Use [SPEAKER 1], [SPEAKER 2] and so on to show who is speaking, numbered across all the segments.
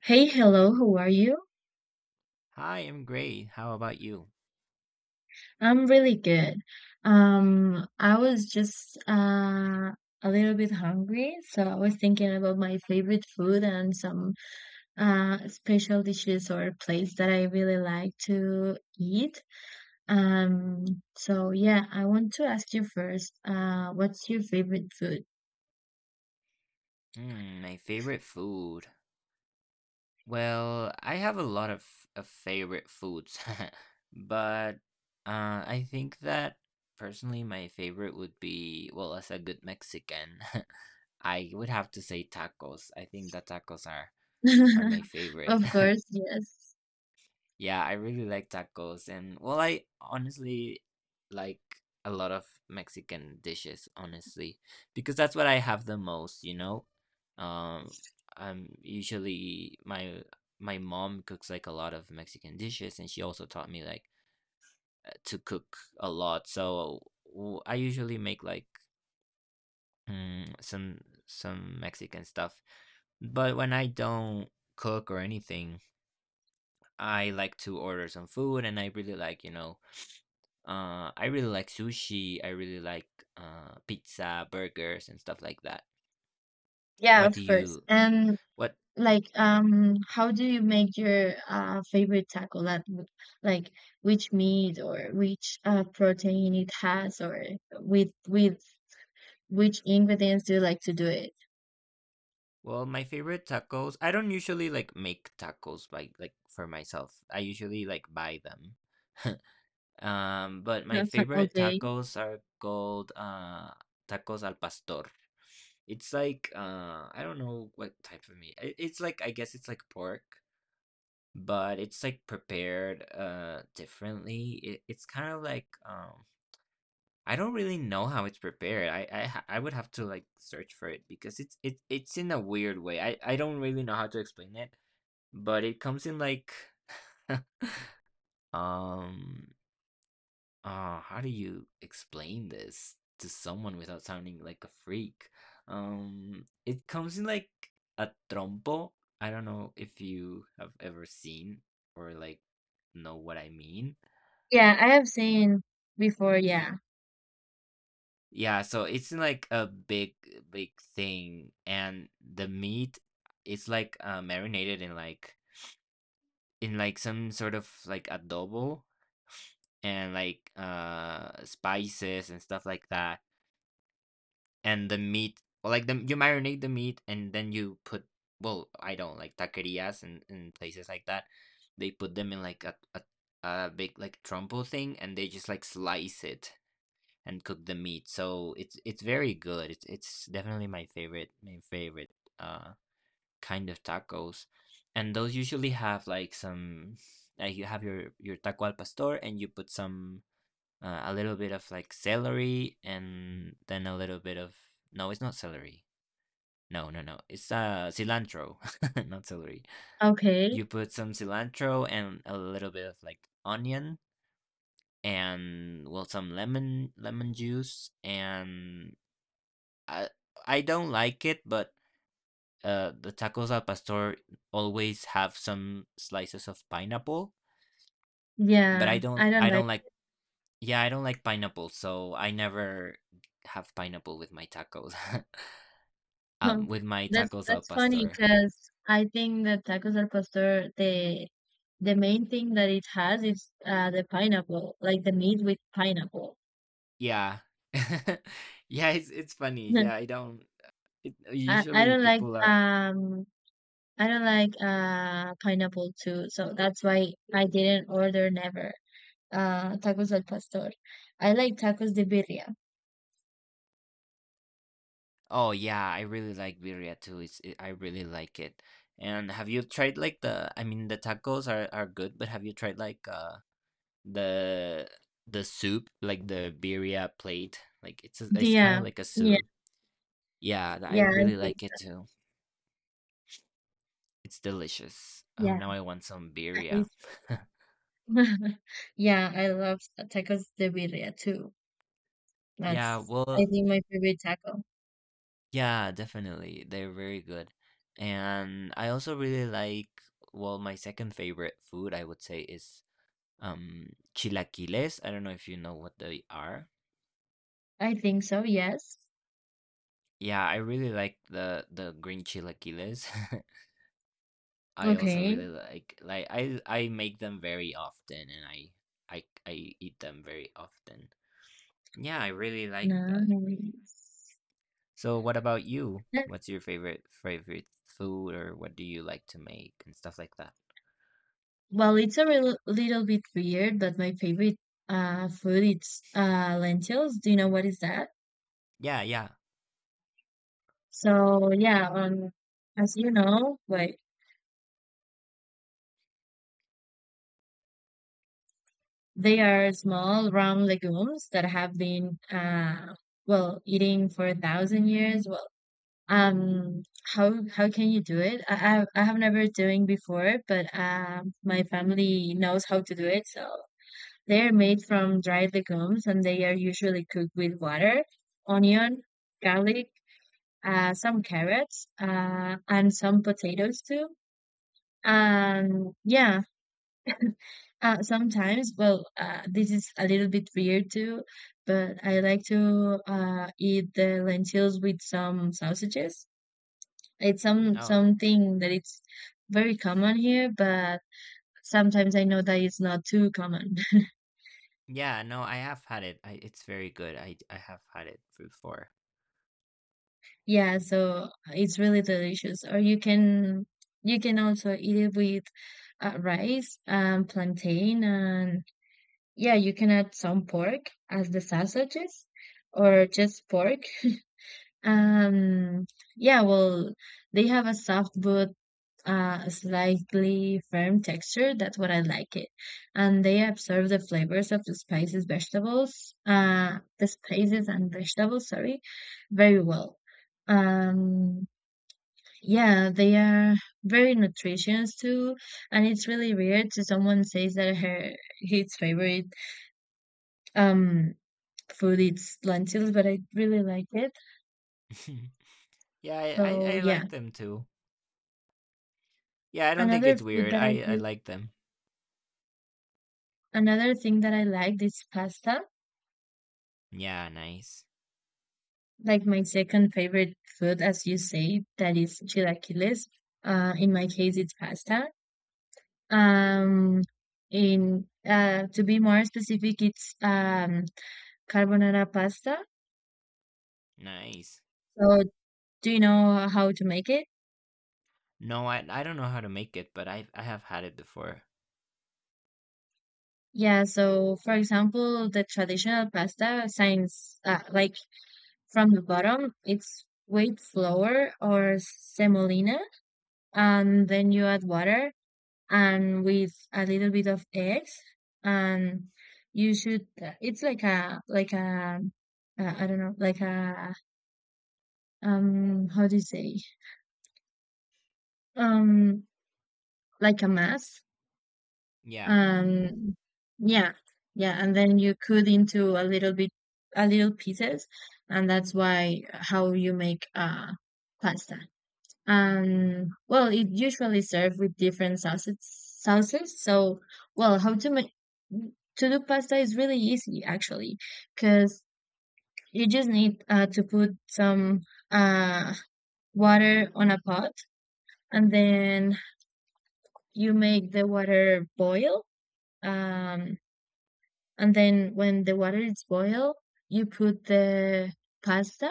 [SPEAKER 1] Hey, hello, how are you?
[SPEAKER 2] Hi, I'm great. How about you?
[SPEAKER 1] I'm really good. I was just a little bit hungry, so I was thinking about my favorite food and some special dishes or place that I really like to eat. Um, so yeah, I want to ask you first, what's your favorite food?
[SPEAKER 2] Hmm, my favorite food. Well, I have a lot of favorite foods, but uh, I think that personally my favorite would be, well, as a good Mexican, I would have to say tacos. I think that tacos are my favorite.
[SPEAKER 1] Of course, yes.
[SPEAKER 2] Yeah, I really like tacos and well, I honestly like a lot of Mexican dishes, honestly, because that's what I have the most, Um, I'm usually my mom cooks like a lot of Mexican dishes and she also taught me like to cook a lot. So I usually make like mm, some some Mexican stuff. But when I don't cook or anything, I like to order some food and I really like, I really like sushi. I really like pizza, burgers, and stuff like that.
[SPEAKER 1] Yeah,
[SPEAKER 2] What
[SPEAKER 1] of
[SPEAKER 2] do
[SPEAKER 1] course.
[SPEAKER 2] you?
[SPEAKER 1] And
[SPEAKER 2] What?
[SPEAKER 1] like how do you make your favorite taco like like which meat or which protein it has or with which ingredients do you like to do it?
[SPEAKER 2] Well, my favorite tacos. I don't usually like make tacos by like for myself. I usually like buy them. But my favorite
[SPEAKER 1] Okay.
[SPEAKER 2] tacos are called tacos al pastor. It's like I don't know what type of meat. It's like I guess it's like pork, but it's like prepared differently. It's kind of like I don't really know how it's prepared. I would have to like search for it because it's in a weird way. I don't really know how to explain it, but it comes in like um how do you explain this to someone without sounding like a freak? It comes in like a trompo. I don't know if you have ever seen or like know what I mean.
[SPEAKER 1] Yeah, I have seen before, yeah.
[SPEAKER 2] Yeah, so it's like a big, big thing, and the meat it's like marinated in like some sort of like adobo and like spices and stuff like that. And the meat, well, like the you marinate the meat and then you put well, I don't like taquerias and places like that. They put them in like a a big like trompo thing, and they just like slice it and cook the meat. So it's very good. It's definitely my favorite uh kind of tacos. And those usually have like some like you have your taco al pastor and you put some a little bit of like celery and then a little bit of no, it's not celery. No, no, no. It's cilantro, not celery.
[SPEAKER 1] Okay.
[SPEAKER 2] You put some cilantro and a little bit of like onion and well some lemon juice and I I don't like it, but the tacos al pastor always have some slices of pineapple. But
[SPEAKER 1] Yeah, I don't
[SPEAKER 2] I
[SPEAKER 1] like.
[SPEAKER 2] don't like yeah I don't like pineapple, so I never have pineapple with my tacos. With my
[SPEAKER 1] That's
[SPEAKER 2] tacos al
[SPEAKER 1] funny
[SPEAKER 2] pastor.
[SPEAKER 1] because I think that tacos al pastor, the main thing that it has is the pineapple, like the meat with pineapple.
[SPEAKER 2] Yeah, yeah, it's funny. Yeah, I don't.
[SPEAKER 1] I
[SPEAKER 2] Usually
[SPEAKER 1] don't like
[SPEAKER 2] people are.
[SPEAKER 1] I don't like pineapple too, so that's why I didn't order never tacos al pastor. I like tacos de birria.
[SPEAKER 2] Oh yeah, I really like birria too. I really like it. And have you tried like the? I mean, the tacos are good, but have you tried like uh? the the soup, like the birria plate. Like it's kind of
[SPEAKER 1] Yeah,
[SPEAKER 2] like a
[SPEAKER 1] yeah,
[SPEAKER 2] soup. Yeah, I
[SPEAKER 1] yeah. I
[SPEAKER 2] really
[SPEAKER 1] think
[SPEAKER 2] like it too. It's delicious. Oh,
[SPEAKER 1] yeah,
[SPEAKER 2] now I want some
[SPEAKER 1] that
[SPEAKER 2] birria.
[SPEAKER 1] is true. Yeah, I love tacos de birria too.
[SPEAKER 2] Yeah,
[SPEAKER 1] That's I
[SPEAKER 2] well,
[SPEAKER 1] think my favorite taco.
[SPEAKER 2] yeah, definitely. They're very good. And I also really like, well, my second favorite food, I would say, is chilaquiles. I don't know if you know what they are.
[SPEAKER 1] I think so. Yes.
[SPEAKER 2] Yeah, I really like the green chilaquiles. I also
[SPEAKER 1] Okay.
[SPEAKER 2] really like I make them very often and I eat them very often. Yeah, I really like that.
[SPEAKER 1] Nice.
[SPEAKER 2] So what about you? What's your favorite food or what do you like to make and stuff like that?
[SPEAKER 1] Well, it's a little bit weird, but my favorite food is lentils. Do you know what is that?
[SPEAKER 2] Yeah, yeah.
[SPEAKER 1] So yeah, as you know, like they are small round legumes that have been well eating for a thousand years. Well, um, how can you do it? I have never doing before, but my family knows how to do it, so they are made from dried legumes and they are usually cooked with water, onion, garlic, some carrots, and some potatoes too. And yeah, sometimes, well, this is a little bit weird too, but I like to eat the lentils with some sausages. It's some
[SPEAKER 2] Oh,
[SPEAKER 1] something that it's very common here, but sometimes I know that it's not too common.
[SPEAKER 2] yeah, no, I have had it. I it's very good. I have had it before.
[SPEAKER 1] Yeah, so it's really delicious. Or you can also eat it with rice and plantain and yeah, you can add some pork as the sausages or just pork. Um yeah, well, they have a soft but slightly firm texture. That's what I like it. And they absorb the flavors of the spices, vegetables, the spices and vegetables, sorry, very well. Um yeah, they are very nutritious too, and it's really weird to someone says that her his favorite um food is lentils, but I really like it.
[SPEAKER 2] yeah,
[SPEAKER 1] So
[SPEAKER 2] I
[SPEAKER 1] yeah,
[SPEAKER 2] like them too. Yeah, I don't think
[SPEAKER 1] another
[SPEAKER 2] it's
[SPEAKER 1] food
[SPEAKER 2] weird.
[SPEAKER 1] that I
[SPEAKER 2] I
[SPEAKER 1] re-
[SPEAKER 2] like them.
[SPEAKER 1] another thing that I like is pasta.
[SPEAKER 2] Yeah, nice.
[SPEAKER 1] Like my second favorite food, as you say, that is chilaquiles. In my case, it's pasta. Um, in to be more specific, it's carbonara pasta.
[SPEAKER 2] Nice.
[SPEAKER 1] So do you know how to make it?
[SPEAKER 2] No, I don't know how to make it, but I have had it before.
[SPEAKER 1] Yeah, so for example, the traditional pasta signs like from the bottom, it's wheat flour or semolina, and then you add water and with a little bit of eggs, and you should. It's like a I don't know, like a how do you say um like a mass
[SPEAKER 2] Yeah,
[SPEAKER 1] and yeah yeah and then you cut into a little bit a little pieces, and that's why how you make pasta. And well it usually served with different sauces. So well, how to make to do pasta is really easy actually, because you just need to put some uh water on a pot and then you make the water boil. um And then when the water is boiled, you put the pasta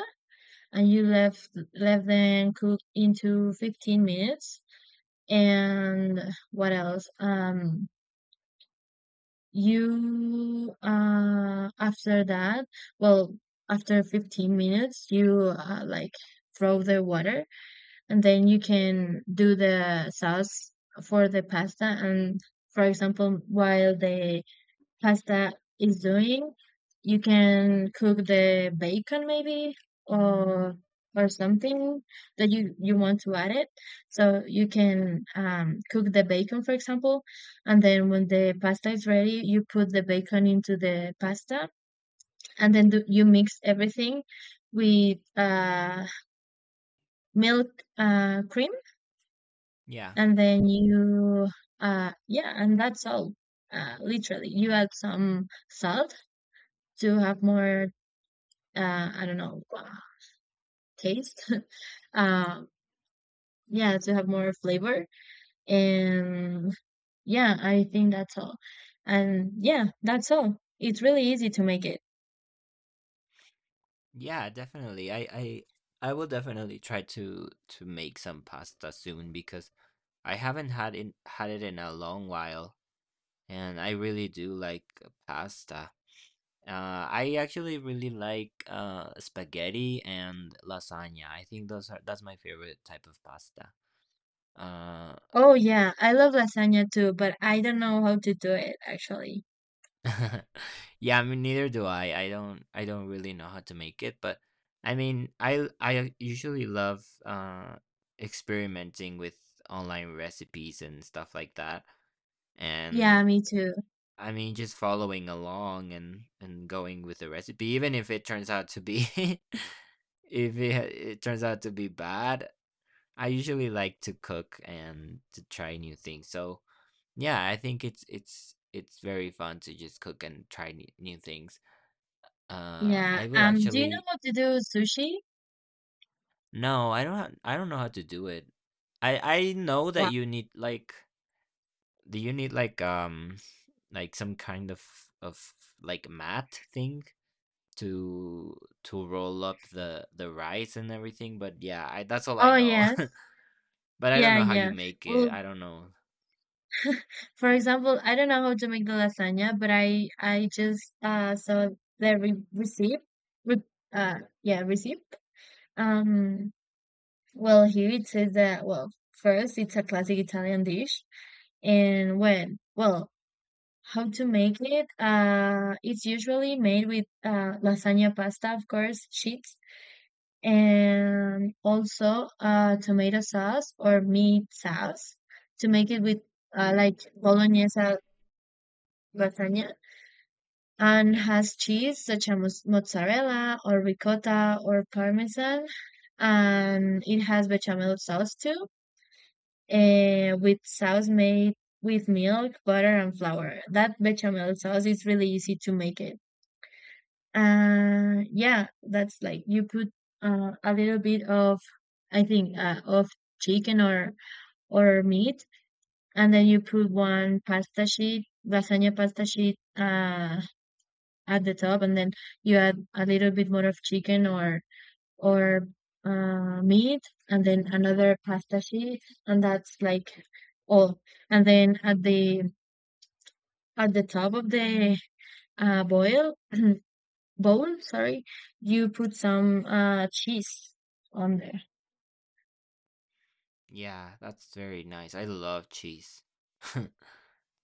[SPEAKER 1] and you left let them cook into 15 minutes. And what else? You after that, well, after 15 minutes, you like throw the water, and then you can do the sauce for the pasta. And for example, while the pasta is doing, you can cook the bacon maybe or something that you want to add it. So you can cook the bacon, for example, and then when the pasta is ready, you put the bacon into the pasta, and then do, you mix everything with milk, cream,
[SPEAKER 2] yeah,
[SPEAKER 1] and then you yeah, and that's all. Literally, you add some salt to have more I don't know, taste. uh, yeah, to have more flavor. And yeah, I think that's all. And yeah, that's all. It's really easy to make it.
[SPEAKER 2] yeah, definitely. I will definitely try to make some pasta soon because I haven't had it in a long while, and I really do like pasta. I actually really like spaghetti and lasagna. I think those are that's my favorite type of pasta. Uh,
[SPEAKER 1] Oh yeah, I love lasagna too, but I don't know how to do it actually.
[SPEAKER 2] yeah, I mean neither do I. I don't really know how to make it, but I mean I usually love experimenting with online recipes and stuff like that.
[SPEAKER 1] Yeah,
[SPEAKER 2] And
[SPEAKER 1] me too.
[SPEAKER 2] I mean just following along and going with the recipe even if it turns out to be if it turns out to be bad. I usually like to cook and to try new things. So, yeah, I think it's very fun to just cook and try new things
[SPEAKER 1] Yeah.
[SPEAKER 2] I will
[SPEAKER 1] Do you know
[SPEAKER 2] actually
[SPEAKER 1] how to do sushi?
[SPEAKER 2] no, I don't know how to do it. I know that
[SPEAKER 1] Wow.
[SPEAKER 2] you need like do you need like some kind of of like mat thing to to roll up the rice and everything, but yeah, I that's all I
[SPEAKER 1] Oh
[SPEAKER 2] know.
[SPEAKER 1] yes.
[SPEAKER 2] but I don't
[SPEAKER 1] Yeah,
[SPEAKER 2] know how you
[SPEAKER 1] yeah.
[SPEAKER 2] make
[SPEAKER 1] Well,
[SPEAKER 2] it. I don't know.
[SPEAKER 1] for example, I don't know how to make the lasagna, but I just saw the receipt. Re- yeah, receipt. Um well here it says that well first it's a classic Italian dish, and when well how to make it it's usually made with lasagna pasta of course sheets, and also tomato sauce or meat sauce, to make it with like bolognese lasagna, and
[SPEAKER 2] Yeah.
[SPEAKER 1] has cheese such as mozzarella or ricotta or parmesan, and it has bechamel sauce too, eh, with sauce made with milk butter and flour. That bechamel sauce is really easy to make it. Uh yeah, that's like you put a little bit of I think of chicken or meat, and then you put one pasta sheet lasagna pasta sheet at the top, and then you add a little bit more of chicken or or meat, and then another pasta sheet, and that's like all. And then at the top of the boil bowl, sorry, you put some cheese on there.
[SPEAKER 2] Yeah, that's very nice. I love cheese.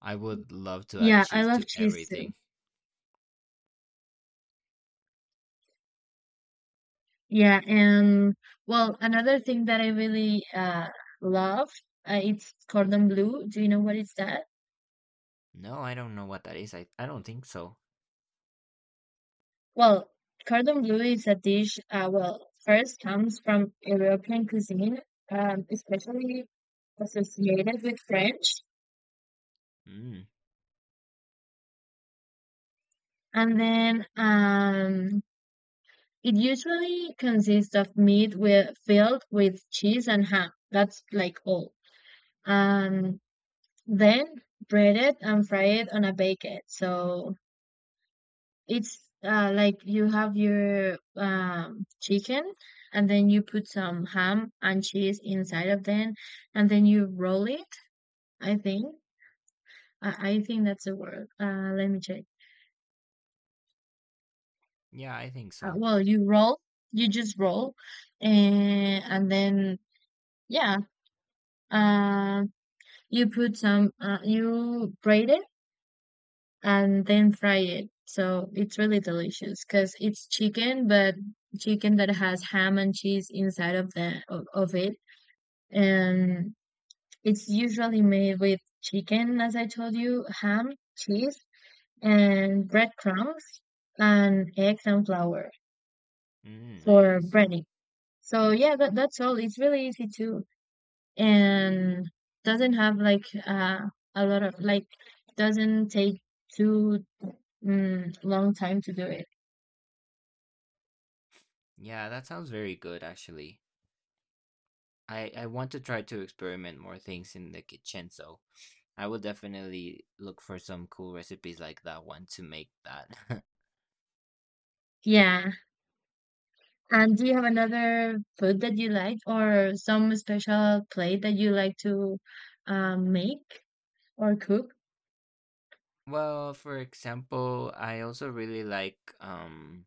[SPEAKER 2] I would love to add
[SPEAKER 1] Yeah, I
[SPEAKER 2] cheese
[SPEAKER 1] love
[SPEAKER 2] to
[SPEAKER 1] cheese too.
[SPEAKER 2] everything.
[SPEAKER 1] Yeah, and well, another thing that I really love, it's cordon bleu. Do you know what is that?
[SPEAKER 2] No, I don't know what that is. I don't think so.
[SPEAKER 1] Well, cordon bleu is a dish, well, first comes from European cuisine, especially associated with French.
[SPEAKER 2] Mm.
[SPEAKER 1] And then it usually consists of meat with, filled with cheese and ham. That's like all. Um, then breaded and fried on a baguette. So it's like you have your chicken, and then you put some ham and cheese inside of them, and then you roll it, I think. I think that's the word. Let me check.
[SPEAKER 2] Yeah, I think so.
[SPEAKER 1] Well, you roll, you just roll, and then, yeah, uh, you put some, you braid it and then fry it. So it's really delicious because it's chicken, but chicken that has ham and cheese inside of of it. And it's usually made with chicken, as I told you, ham, cheese, and breadcrumbs, and eggs and flour
[SPEAKER 2] Mm,
[SPEAKER 1] for
[SPEAKER 2] nice.
[SPEAKER 1] breading. So yeah, that, that's all. It's really easy too, and doesn't have like a lot of like doesn't take too long time to do it.
[SPEAKER 2] Yeah, that sounds very good actually. I want to try to experiment more things in the kitchen, so I will definitely look for some cool recipes like that one to make that.
[SPEAKER 1] Yeah. And do you have another food that you like, or some special plate that you like to make or cook?
[SPEAKER 2] Well, for example, I also really like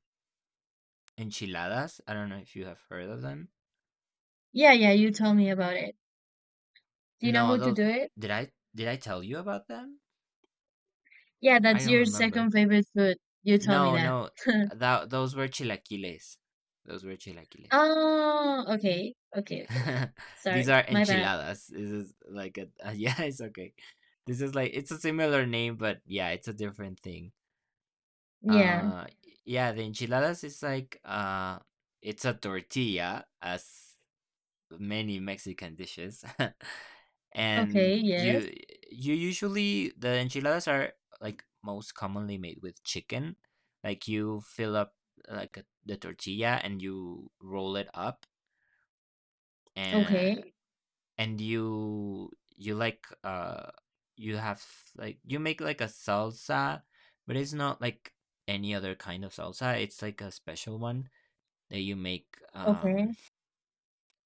[SPEAKER 2] enchiladas. I don't know if you have heard of them.
[SPEAKER 1] Yeah, yeah, you told me about it. Do you know how
[SPEAKER 2] No,
[SPEAKER 1] to
[SPEAKER 2] those
[SPEAKER 1] do it?
[SPEAKER 2] did I tell you about them?
[SPEAKER 1] Yeah,
[SPEAKER 2] I
[SPEAKER 1] that's
[SPEAKER 2] don't
[SPEAKER 1] your second
[SPEAKER 2] remember.
[SPEAKER 1] favorite food. You told me
[SPEAKER 2] No,
[SPEAKER 1] that.
[SPEAKER 2] no, that those were chilaquiles. Those were chilaquiles.
[SPEAKER 1] Oh, okay. Okay, okay.
[SPEAKER 2] These
[SPEAKER 1] Sorry.
[SPEAKER 2] are
[SPEAKER 1] My bad.
[SPEAKER 2] enchiladas. This is like a yeah, it's okay. This is like it's a similar name, but yeah, it's a different thing.
[SPEAKER 1] Yeah.
[SPEAKER 2] Uh, yeah, the enchiladas is like it's a tortilla, as many Mexican dishes,
[SPEAKER 1] Okay,
[SPEAKER 2] and
[SPEAKER 1] yes.
[SPEAKER 2] you usually the enchiladas are like most commonly made with chicken. Like you fill up like the tortilla and you roll it up and.
[SPEAKER 1] Okay.
[SPEAKER 2] You like you have like you make like a salsa but it's not like any other kind of salsa it's like a special one that you make
[SPEAKER 1] Okay.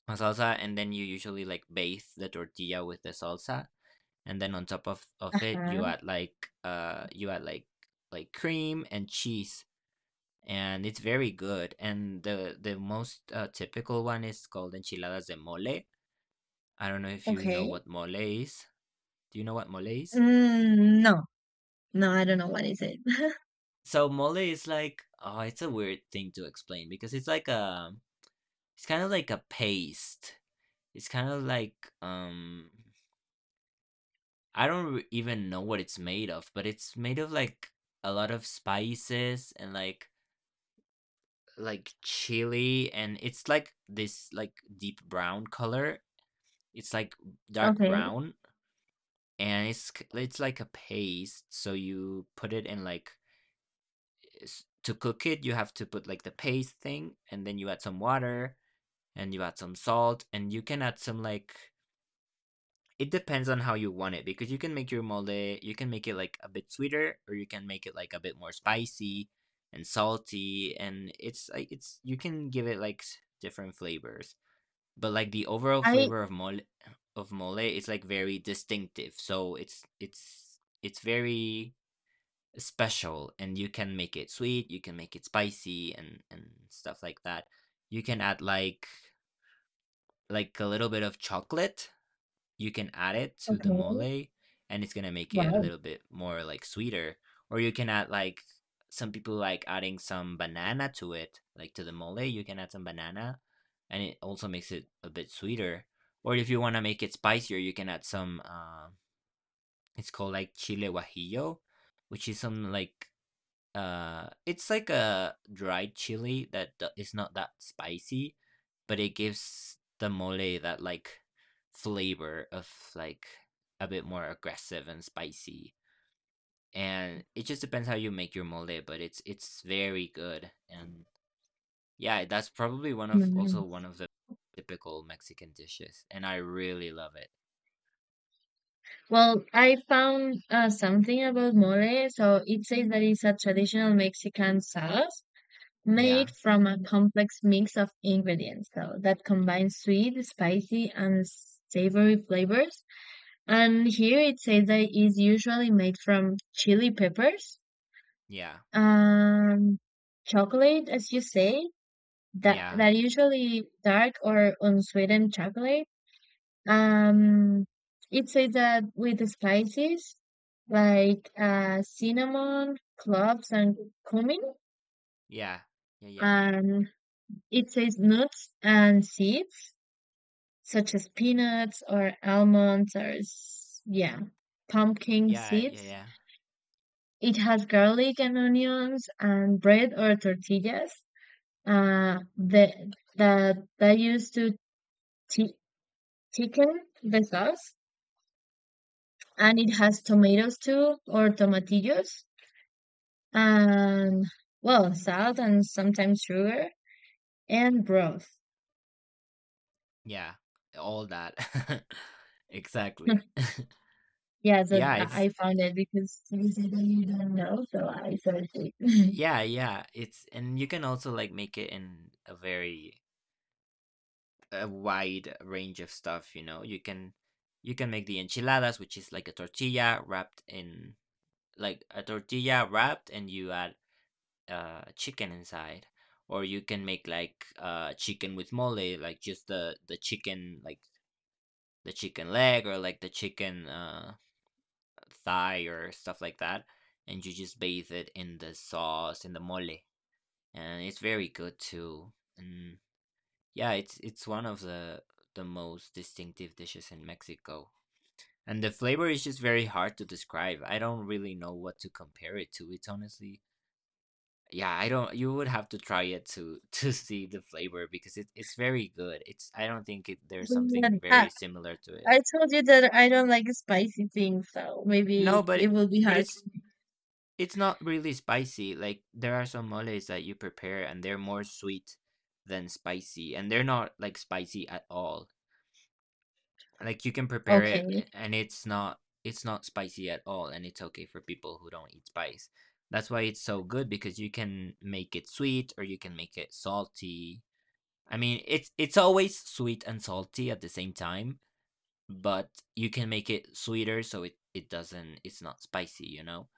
[SPEAKER 2] a salsa and then you usually like bathe the tortilla with the salsa and then on top of it
[SPEAKER 1] Uh-huh.
[SPEAKER 2] you add like cream and cheese and it's very good and the most typical one is called enchiladas de mole. I don't know if you know
[SPEAKER 1] Okay.
[SPEAKER 2] what mole is. Do you know what mole is?
[SPEAKER 1] Mm, no. No, I don't know what is it.
[SPEAKER 2] So mole is like oh, it's a weird thing to explain because it's kind of like a paste. It's kind of like I don't even know what it's made of, but it's made of like a lot of spices and like chili and it's like this like deep brown color. It's like dark
[SPEAKER 1] Okay.
[SPEAKER 2] brown and it's like a paste so you put it in like is to cook it, you have to put like the paste thing, and then you add some water, and you add some salt, and you can add some like it depends on how you want it because you can make your mole, you can make it like a bit sweeter, or you can make it like a bit more spicy and salty, and it's like it's you can give it like different flavors, but like the overall
[SPEAKER 1] I
[SPEAKER 2] flavor of mole is like very distinctive, so it's very special and you can make it sweet you can make it spicy and stuff like that you can add like a little bit of chocolate you can add it to the
[SPEAKER 1] okay.
[SPEAKER 2] mole and it's gonna make it a
[SPEAKER 1] Wow.
[SPEAKER 2] little bit more like sweeter or you can add like some people like adding some banana to it like to the mole you can add some banana and it also makes it a bit sweeter or if you want to make it spicier you can add some it's called like chile guajillo which is some like it's like a dried chili that d is not that spicy, but it gives the mole that, like, flavor of, like, a bit more aggressive and spicy, and it just depends how you make your mole, but it's very good, and, yeah, that's probably one of also
[SPEAKER 1] Mm.
[SPEAKER 2] one of the typical Mexican dishes, and I really love it.
[SPEAKER 1] Well, I found something about mole. So it says that it's a traditional Mexican sauce
[SPEAKER 2] Yeah.
[SPEAKER 1] made from a complex mix of ingredients so that
[SPEAKER 2] Y
[SPEAKER 1] combines sweet, spicy, and savory flavors. And here it says that it's usually made from chili peppers,
[SPEAKER 2] yeah.
[SPEAKER 1] um, chocolate, as you say, that
[SPEAKER 2] Yeah.
[SPEAKER 1] usually dark or unsweetened chocolate. Um, it says that with the spices like cinnamon, cloves, and cumin.
[SPEAKER 2] Yeah. Yeah, yeah.
[SPEAKER 1] And it says nuts and seeds, such as peanuts or almonds or, yeah, pumpkin
[SPEAKER 2] Yeah, yeah,
[SPEAKER 1] seeds.
[SPEAKER 2] yeah.
[SPEAKER 1] It has garlic and onions and bread or tortillas that, that used to thi- thicken the sauce. And it has tomatoes too, or tomatillos, and well, salt and sometimes sugar and broth.
[SPEAKER 2] Yeah, all that. Exactly.
[SPEAKER 1] Yeah, so
[SPEAKER 2] Yeah,
[SPEAKER 1] I
[SPEAKER 2] it's
[SPEAKER 1] I found it because you said that you don't know, so I searched it.
[SPEAKER 2] yeah, yeah, it's and you can also, like, make it in a very a wide range of stuff, you know? You can make the enchiladas, which is like a tortilla wrapped in like, a tortilla wrapped and you add, chicken inside, or you can make, like, chicken with mole, like, just the chicken like, the chicken leg or, like, the chicken, thigh or stuff like that, and you just bathe it in the sauce in the mole, and it's very good too. And yeah, it's one of the most distinctive dishes in Mexico. And the flavor is just very hard to describe. I don't really know what to compare it to. It's honestly, yeah, I don't. You would have to try it to to see the flavor because it's very good. It's I don't think there's something
[SPEAKER 1] And
[SPEAKER 2] very similar to it.
[SPEAKER 1] I told you that I don't like spicy things, so
[SPEAKER 2] No,
[SPEAKER 1] maybe
[SPEAKER 2] but
[SPEAKER 1] it
[SPEAKER 2] it,
[SPEAKER 1] will be
[SPEAKER 2] but
[SPEAKER 1] hard.
[SPEAKER 2] it's it's not really spicy. Like there are some moles that you prepare and they're more sweet than spicy and they're not like spicy at all. Like you can prepare
[SPEAKER 1] Okay,
[SPEAKER 2] it and it's not spicy at all and it's okay for people who don't eat spice. That's why it's so good because you can make it sweet or you can make it salty. I mean, it's always sweet and salty at the same time, but you can make it sweeter so it's not spicy, you know?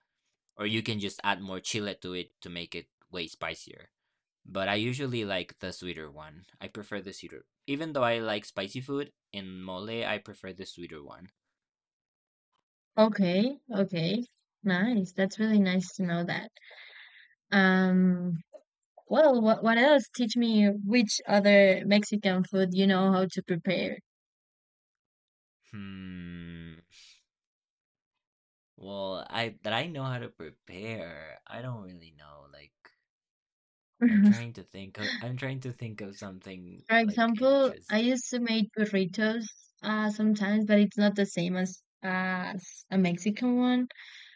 [SPEAKER 2] Or you can just add more chile to it to make it way spicier. But I usually like the sweeter one. I prefer the sweeter. Even though I like spicy food, in mole I prefer the sweeter one.
[SPEAKER 1] okay, okay. Nice. That's really nice to know that. Um, well, what else? Teach me which other Mexican food you know how to prepare.
[SPEAKER 2] Hmm. Well, I know how to prepare. I don't really know. Like I'm trying to think of something
[SPEAKER 1] For
[SPEAKER 2] like
[SPEAKER 1] example, I
[SPEAKER 2] interesting.
[SPEAKER 1] used to make burritos sometimes, but it's not the same as a Mexican one.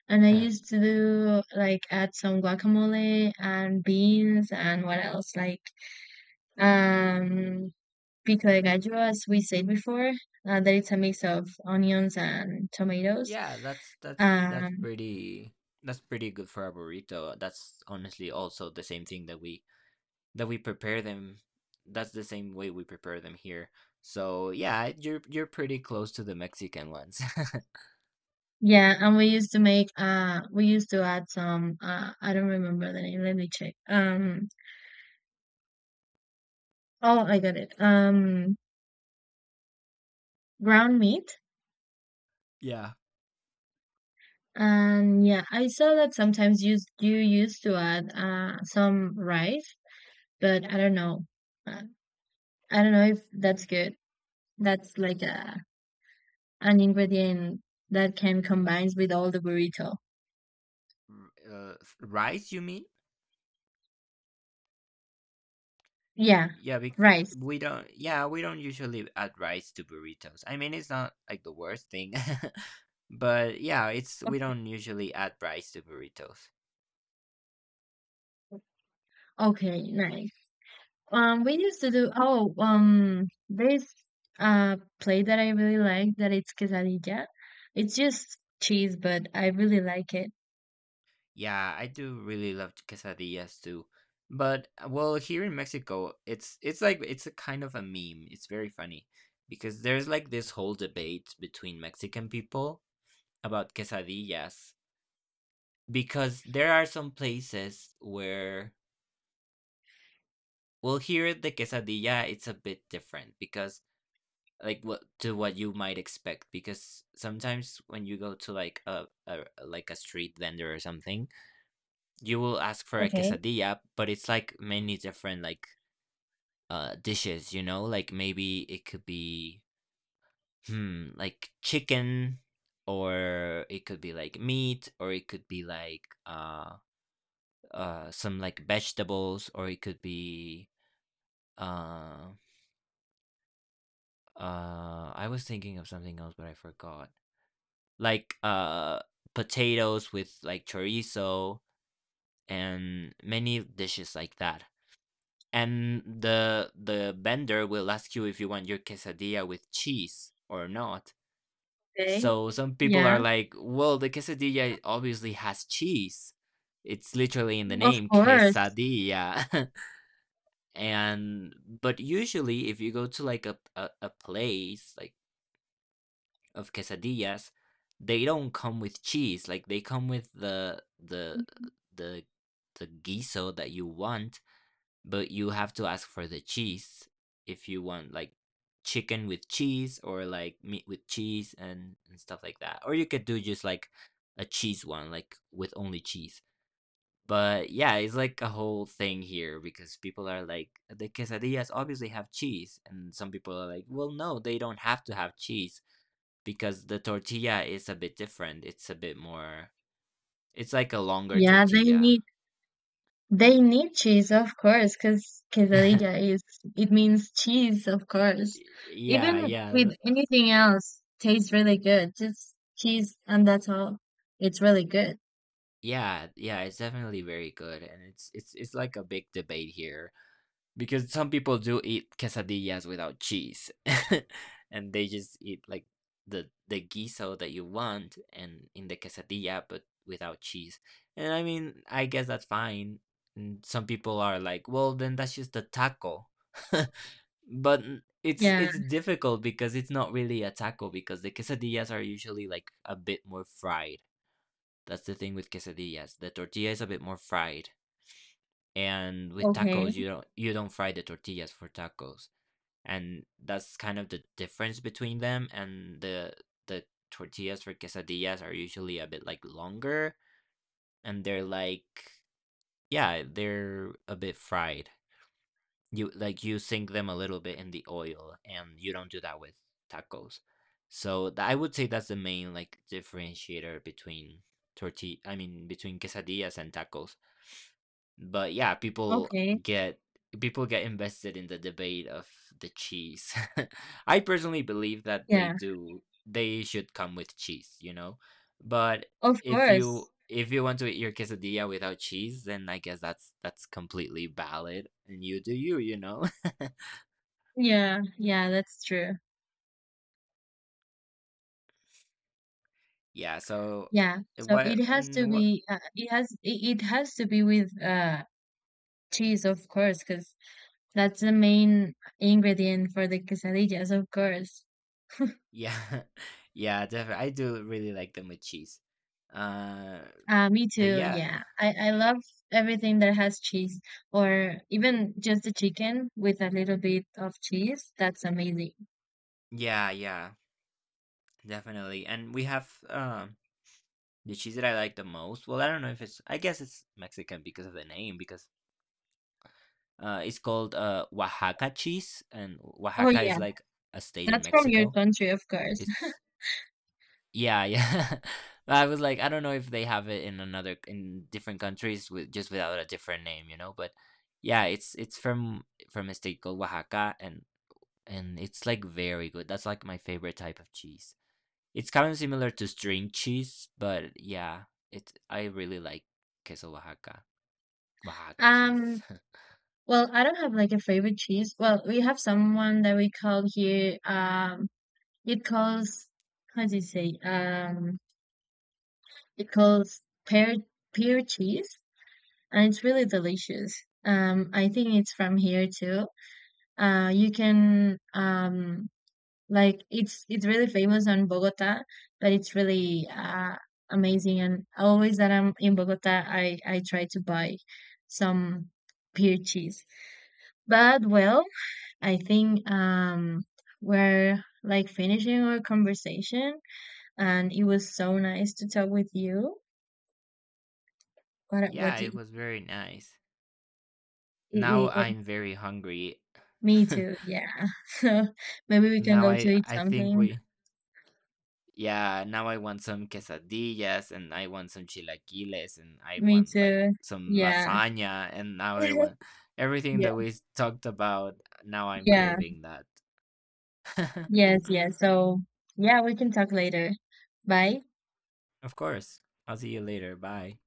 [SPEAKER 1] And I used to like add some guacamole and beans and what else like um pico de gallo as we said before. That it's a mix of onions and tomatoes.
[SPEAKER 2] Yeah,
[SPEAKER 1] Um
[SPEAKER 2] that's pretty good for a burrito. That's honestly also the same thing that we That we prepare them that's the same way we prepare them here. So, yeah, you're pretty close to the Mexican ones.
[SPEAKER 1] yeah, and we used to add some I don't remember the name, let me check. Um, oh I got it. Um, ground meat.
[SPEAKER 2] Yeah.
[SPEAKER 1] And yeah, I saw that sometimes you used to add some rice, but I don't know. Uh, I don't know if that's good. That's like a an ingredient that can combines with all the burrito.
[SPEAKER 2] uh, rice, you mean?
[SPEAKER 1] Yeah,
[SPEAKER 2] Yeah, bec-
[SPEAKER 1] rice.
[SPEAKER 2] we don't. Yeah, we don't usually add rice to burritos. I mean, it's not like the worst thing, but yeah, it's we don't usually add rice to burritos.
[SPEAKER 1] Okay, nice. We used to do oh this plate that I really like that it's quesadilla. It's just cheese, but I really like it.
[SPEAKER 2] Yeah, I do really love quesadillas too. But well, here in Mexico, it's like it's a kind of a meme. It's very funny because there's like this whole debate between Mexican people about quesadillas because there are some places where well, here the quesadilla it's a bit different because like what you might expect because sometimes when you go to like a like a street vendor or something you will ask for a
[SPEAKER 1] Okay.
[SPEAKER 2] quesadilla, but it's like many different like dishes, you know? Like maybe it could be hmm like chicken or it could be like meat or it could be like some like vegetables or it could be uh I was thinking of something else but I forgot. Like potatoes with like chorizo and many dishes like that. And the vendor will ask you if you want your quesadilla with cheese or not.
[SPEAKER 1] Okay.
[SPEAKER 2] So some people are
[SPEAKER 1] Yeah,
[SPEAKER 2] like, "Well, the quesadilla obviously has cheese. It's literally in the
[SPEAKER 1] of
[SPEAKER 2] name,
[SPEAKER 1] course.
[SPEAKER 2] quesadilla." and But usually if you go to like a place like of quesadillas, they don't come with cheese. Like they come with the the guiso that you want but you have to ask for the cheese if you want like chicken with cheese or like meat with cheese and stuff like that. Or you could do just like a cheese one, like with only cheese. But yeah, it's like a whole thing here because people are like, the quesadillas obviously have cheese. And some people are like, well, no, they don't have to have cheese because the tortilla is a bit different. It's like a longer
[SPEAKER 1] Yeah, they
[SPEAKER 2] tortilla.
[SPEAKER 1] need. They need cheese, of course, because quesadilla is, it means cheese, of course.
[SPEAKER 2] Yeah,
[SPEAKER 1] Even
[SPEAKER 2] yeah,
[SPEAKER 1] with anything else, tastes really good. Just cheese and that's all. It's really good.
[SPEAKER 2] yeah, yeah, it's definitely very good, and it's like a big debate here because some people do eat quesadillas without cheese, and they just eat like the guiso that you want and in the quesadilla but without cheese. And I mean, I guess that's fine. And some people are like, well, then that's just a taco,
[SPEAKER 1] Yeah.
[SPEAKER 2] it's difficult because it's not really a taco because the quesadillas are usually like a bit more fried. That's the thing with quesadillas. The tortilla is a bit more fried, and with tacos,
[SPEAKER 1] Okay.
[SPEAKER 2] you don't fry the tortillas for tacos, and that's kind of the difference between them. And the tortillas for quesadillas are usually a bit like longer, and they're like yeah, they're a bit fried. You sink them a little bit in the oil, and you don't do that with tacos. I would say that's the main like differentiator between torti I mean between quesadillas and tacos. But yeah,
[SPEAKER 1] Okay.
[SPEAKER 2] get people get invested in the debate of the cheese. I personally believe that
[SPEAKER 1] Yeah.
[SPEAKER 2] they should come with cheese, you know. But
[SPEAKER 1] Of
[SPEAKER 2] if you
[SPEAKER 1] course.
[SPEAKER 2] want to eat your quesadilla without cheese, then I guess that's completely valid, and you do you, you know.
[SPEAKER 1] Yeah. Yeah, that's true.
[SPEAKER 2] Yeah. So
[SPEAKER 1] Yeah. So
[SPEAKER 2] what
[SPEAKER 1] it has to
[SPEAKER 2] and what?
[SPEAKER 1] be, it has, it has to be with, cheese, of course, because that's the main ingredient for the quesadillas, of course.
[SPEAKER 2] Yeah, yeah. Definitely, I do really like them with cheese. Uh,
[SPEAKER 1] Me
[SPEAKER 2] but
[SPEAKER 1] too.
[SPEAKER 2] yeah,
[SPEAKER 1] Yeah. I love everything that has cheese or even just the chicken with a little bit of cheese. That's amazing.
[SPEAKER 2] yeah, definitely. And we have the cheese that I like the most. Well, I don't know if it's. I guess it's Mexican because of the name. Because it's called Oaxaca cheese, and
[SPEAKER 1] Oh
[SPEAKER 2] Oaxaca is
[SPEAKER 1] yeah.
[SPEAKER 2] like a state in
[SPEAKER 1] That's from your
[SPEAKER 2] Mexico.
[SPEAKER 1] country, of course.
[SPEAKER 2] It's Yeah, yeah. I was like, I don't know if they have it in another in different countries with just without a different name, you know. But yeah, it's from a state called Oaxaca, and it's like very good. That's like my favorite type of cheese. It's kind of similar to string cheese, but yeah, it's I really like queso Oaxaca, Oaxaca cheese.
[SPEAKER 1] Um, well, I don't have like a favorite cheese. Well, we have someone that we call here, it calls, how do you say? It calls pear, pear cheese, and it's really delicious. I think it's from here too. You can, like it's really famous on Bogota, but it's really amazing. And always that I'm in Bogota, I try to buy some peer cheese. But well, I think we're like finishing our conversation, and it was so nice to talk with you. What
[SPEAKER 2] Yeah,
[SPEAKER 1] do
[SPEAKER 2] it
[SPEAKER 1] you,
[SPEAKER 2] was very nice.
[SPEAKER 1] i-
[SPEAKER 2] Now
[SPEAKER 1] i- i-
[SPEAKER 2] I'm very hungry.
[SPEAKER 1] me too? Yeah. So maybe we can
[SPEAKER 2] Now
[SPEAKER 1] go to
[SPEAKER 2] I
[SPEAKER 1] eat
[SPEAKER 2] I think
[SPEAKER 1] something.
[SPEAKER 2] we Yeah, now I want some quesadillas and I want some chilaquiles and I
[SPEAKER 1] Me
[SPEAKER 2] want like
[SPEAKER 1] too.
[SPEAKER 2] some
[SPEAKER 1] Yeah.
[SPEAKER 2] lasagna and now I want everything
[SPEAKER 1] Yeah.
[SPEAKER 2] that we talked about. Now I'm
[SPEAKER 1] Yeah.
[SPEAKER 2] craving that.
[SPEAKER 1] Yes, yes. So, yeah, we can talk later. Bye.
[SPEAKER 2] Of course. I'll see you later. Bye.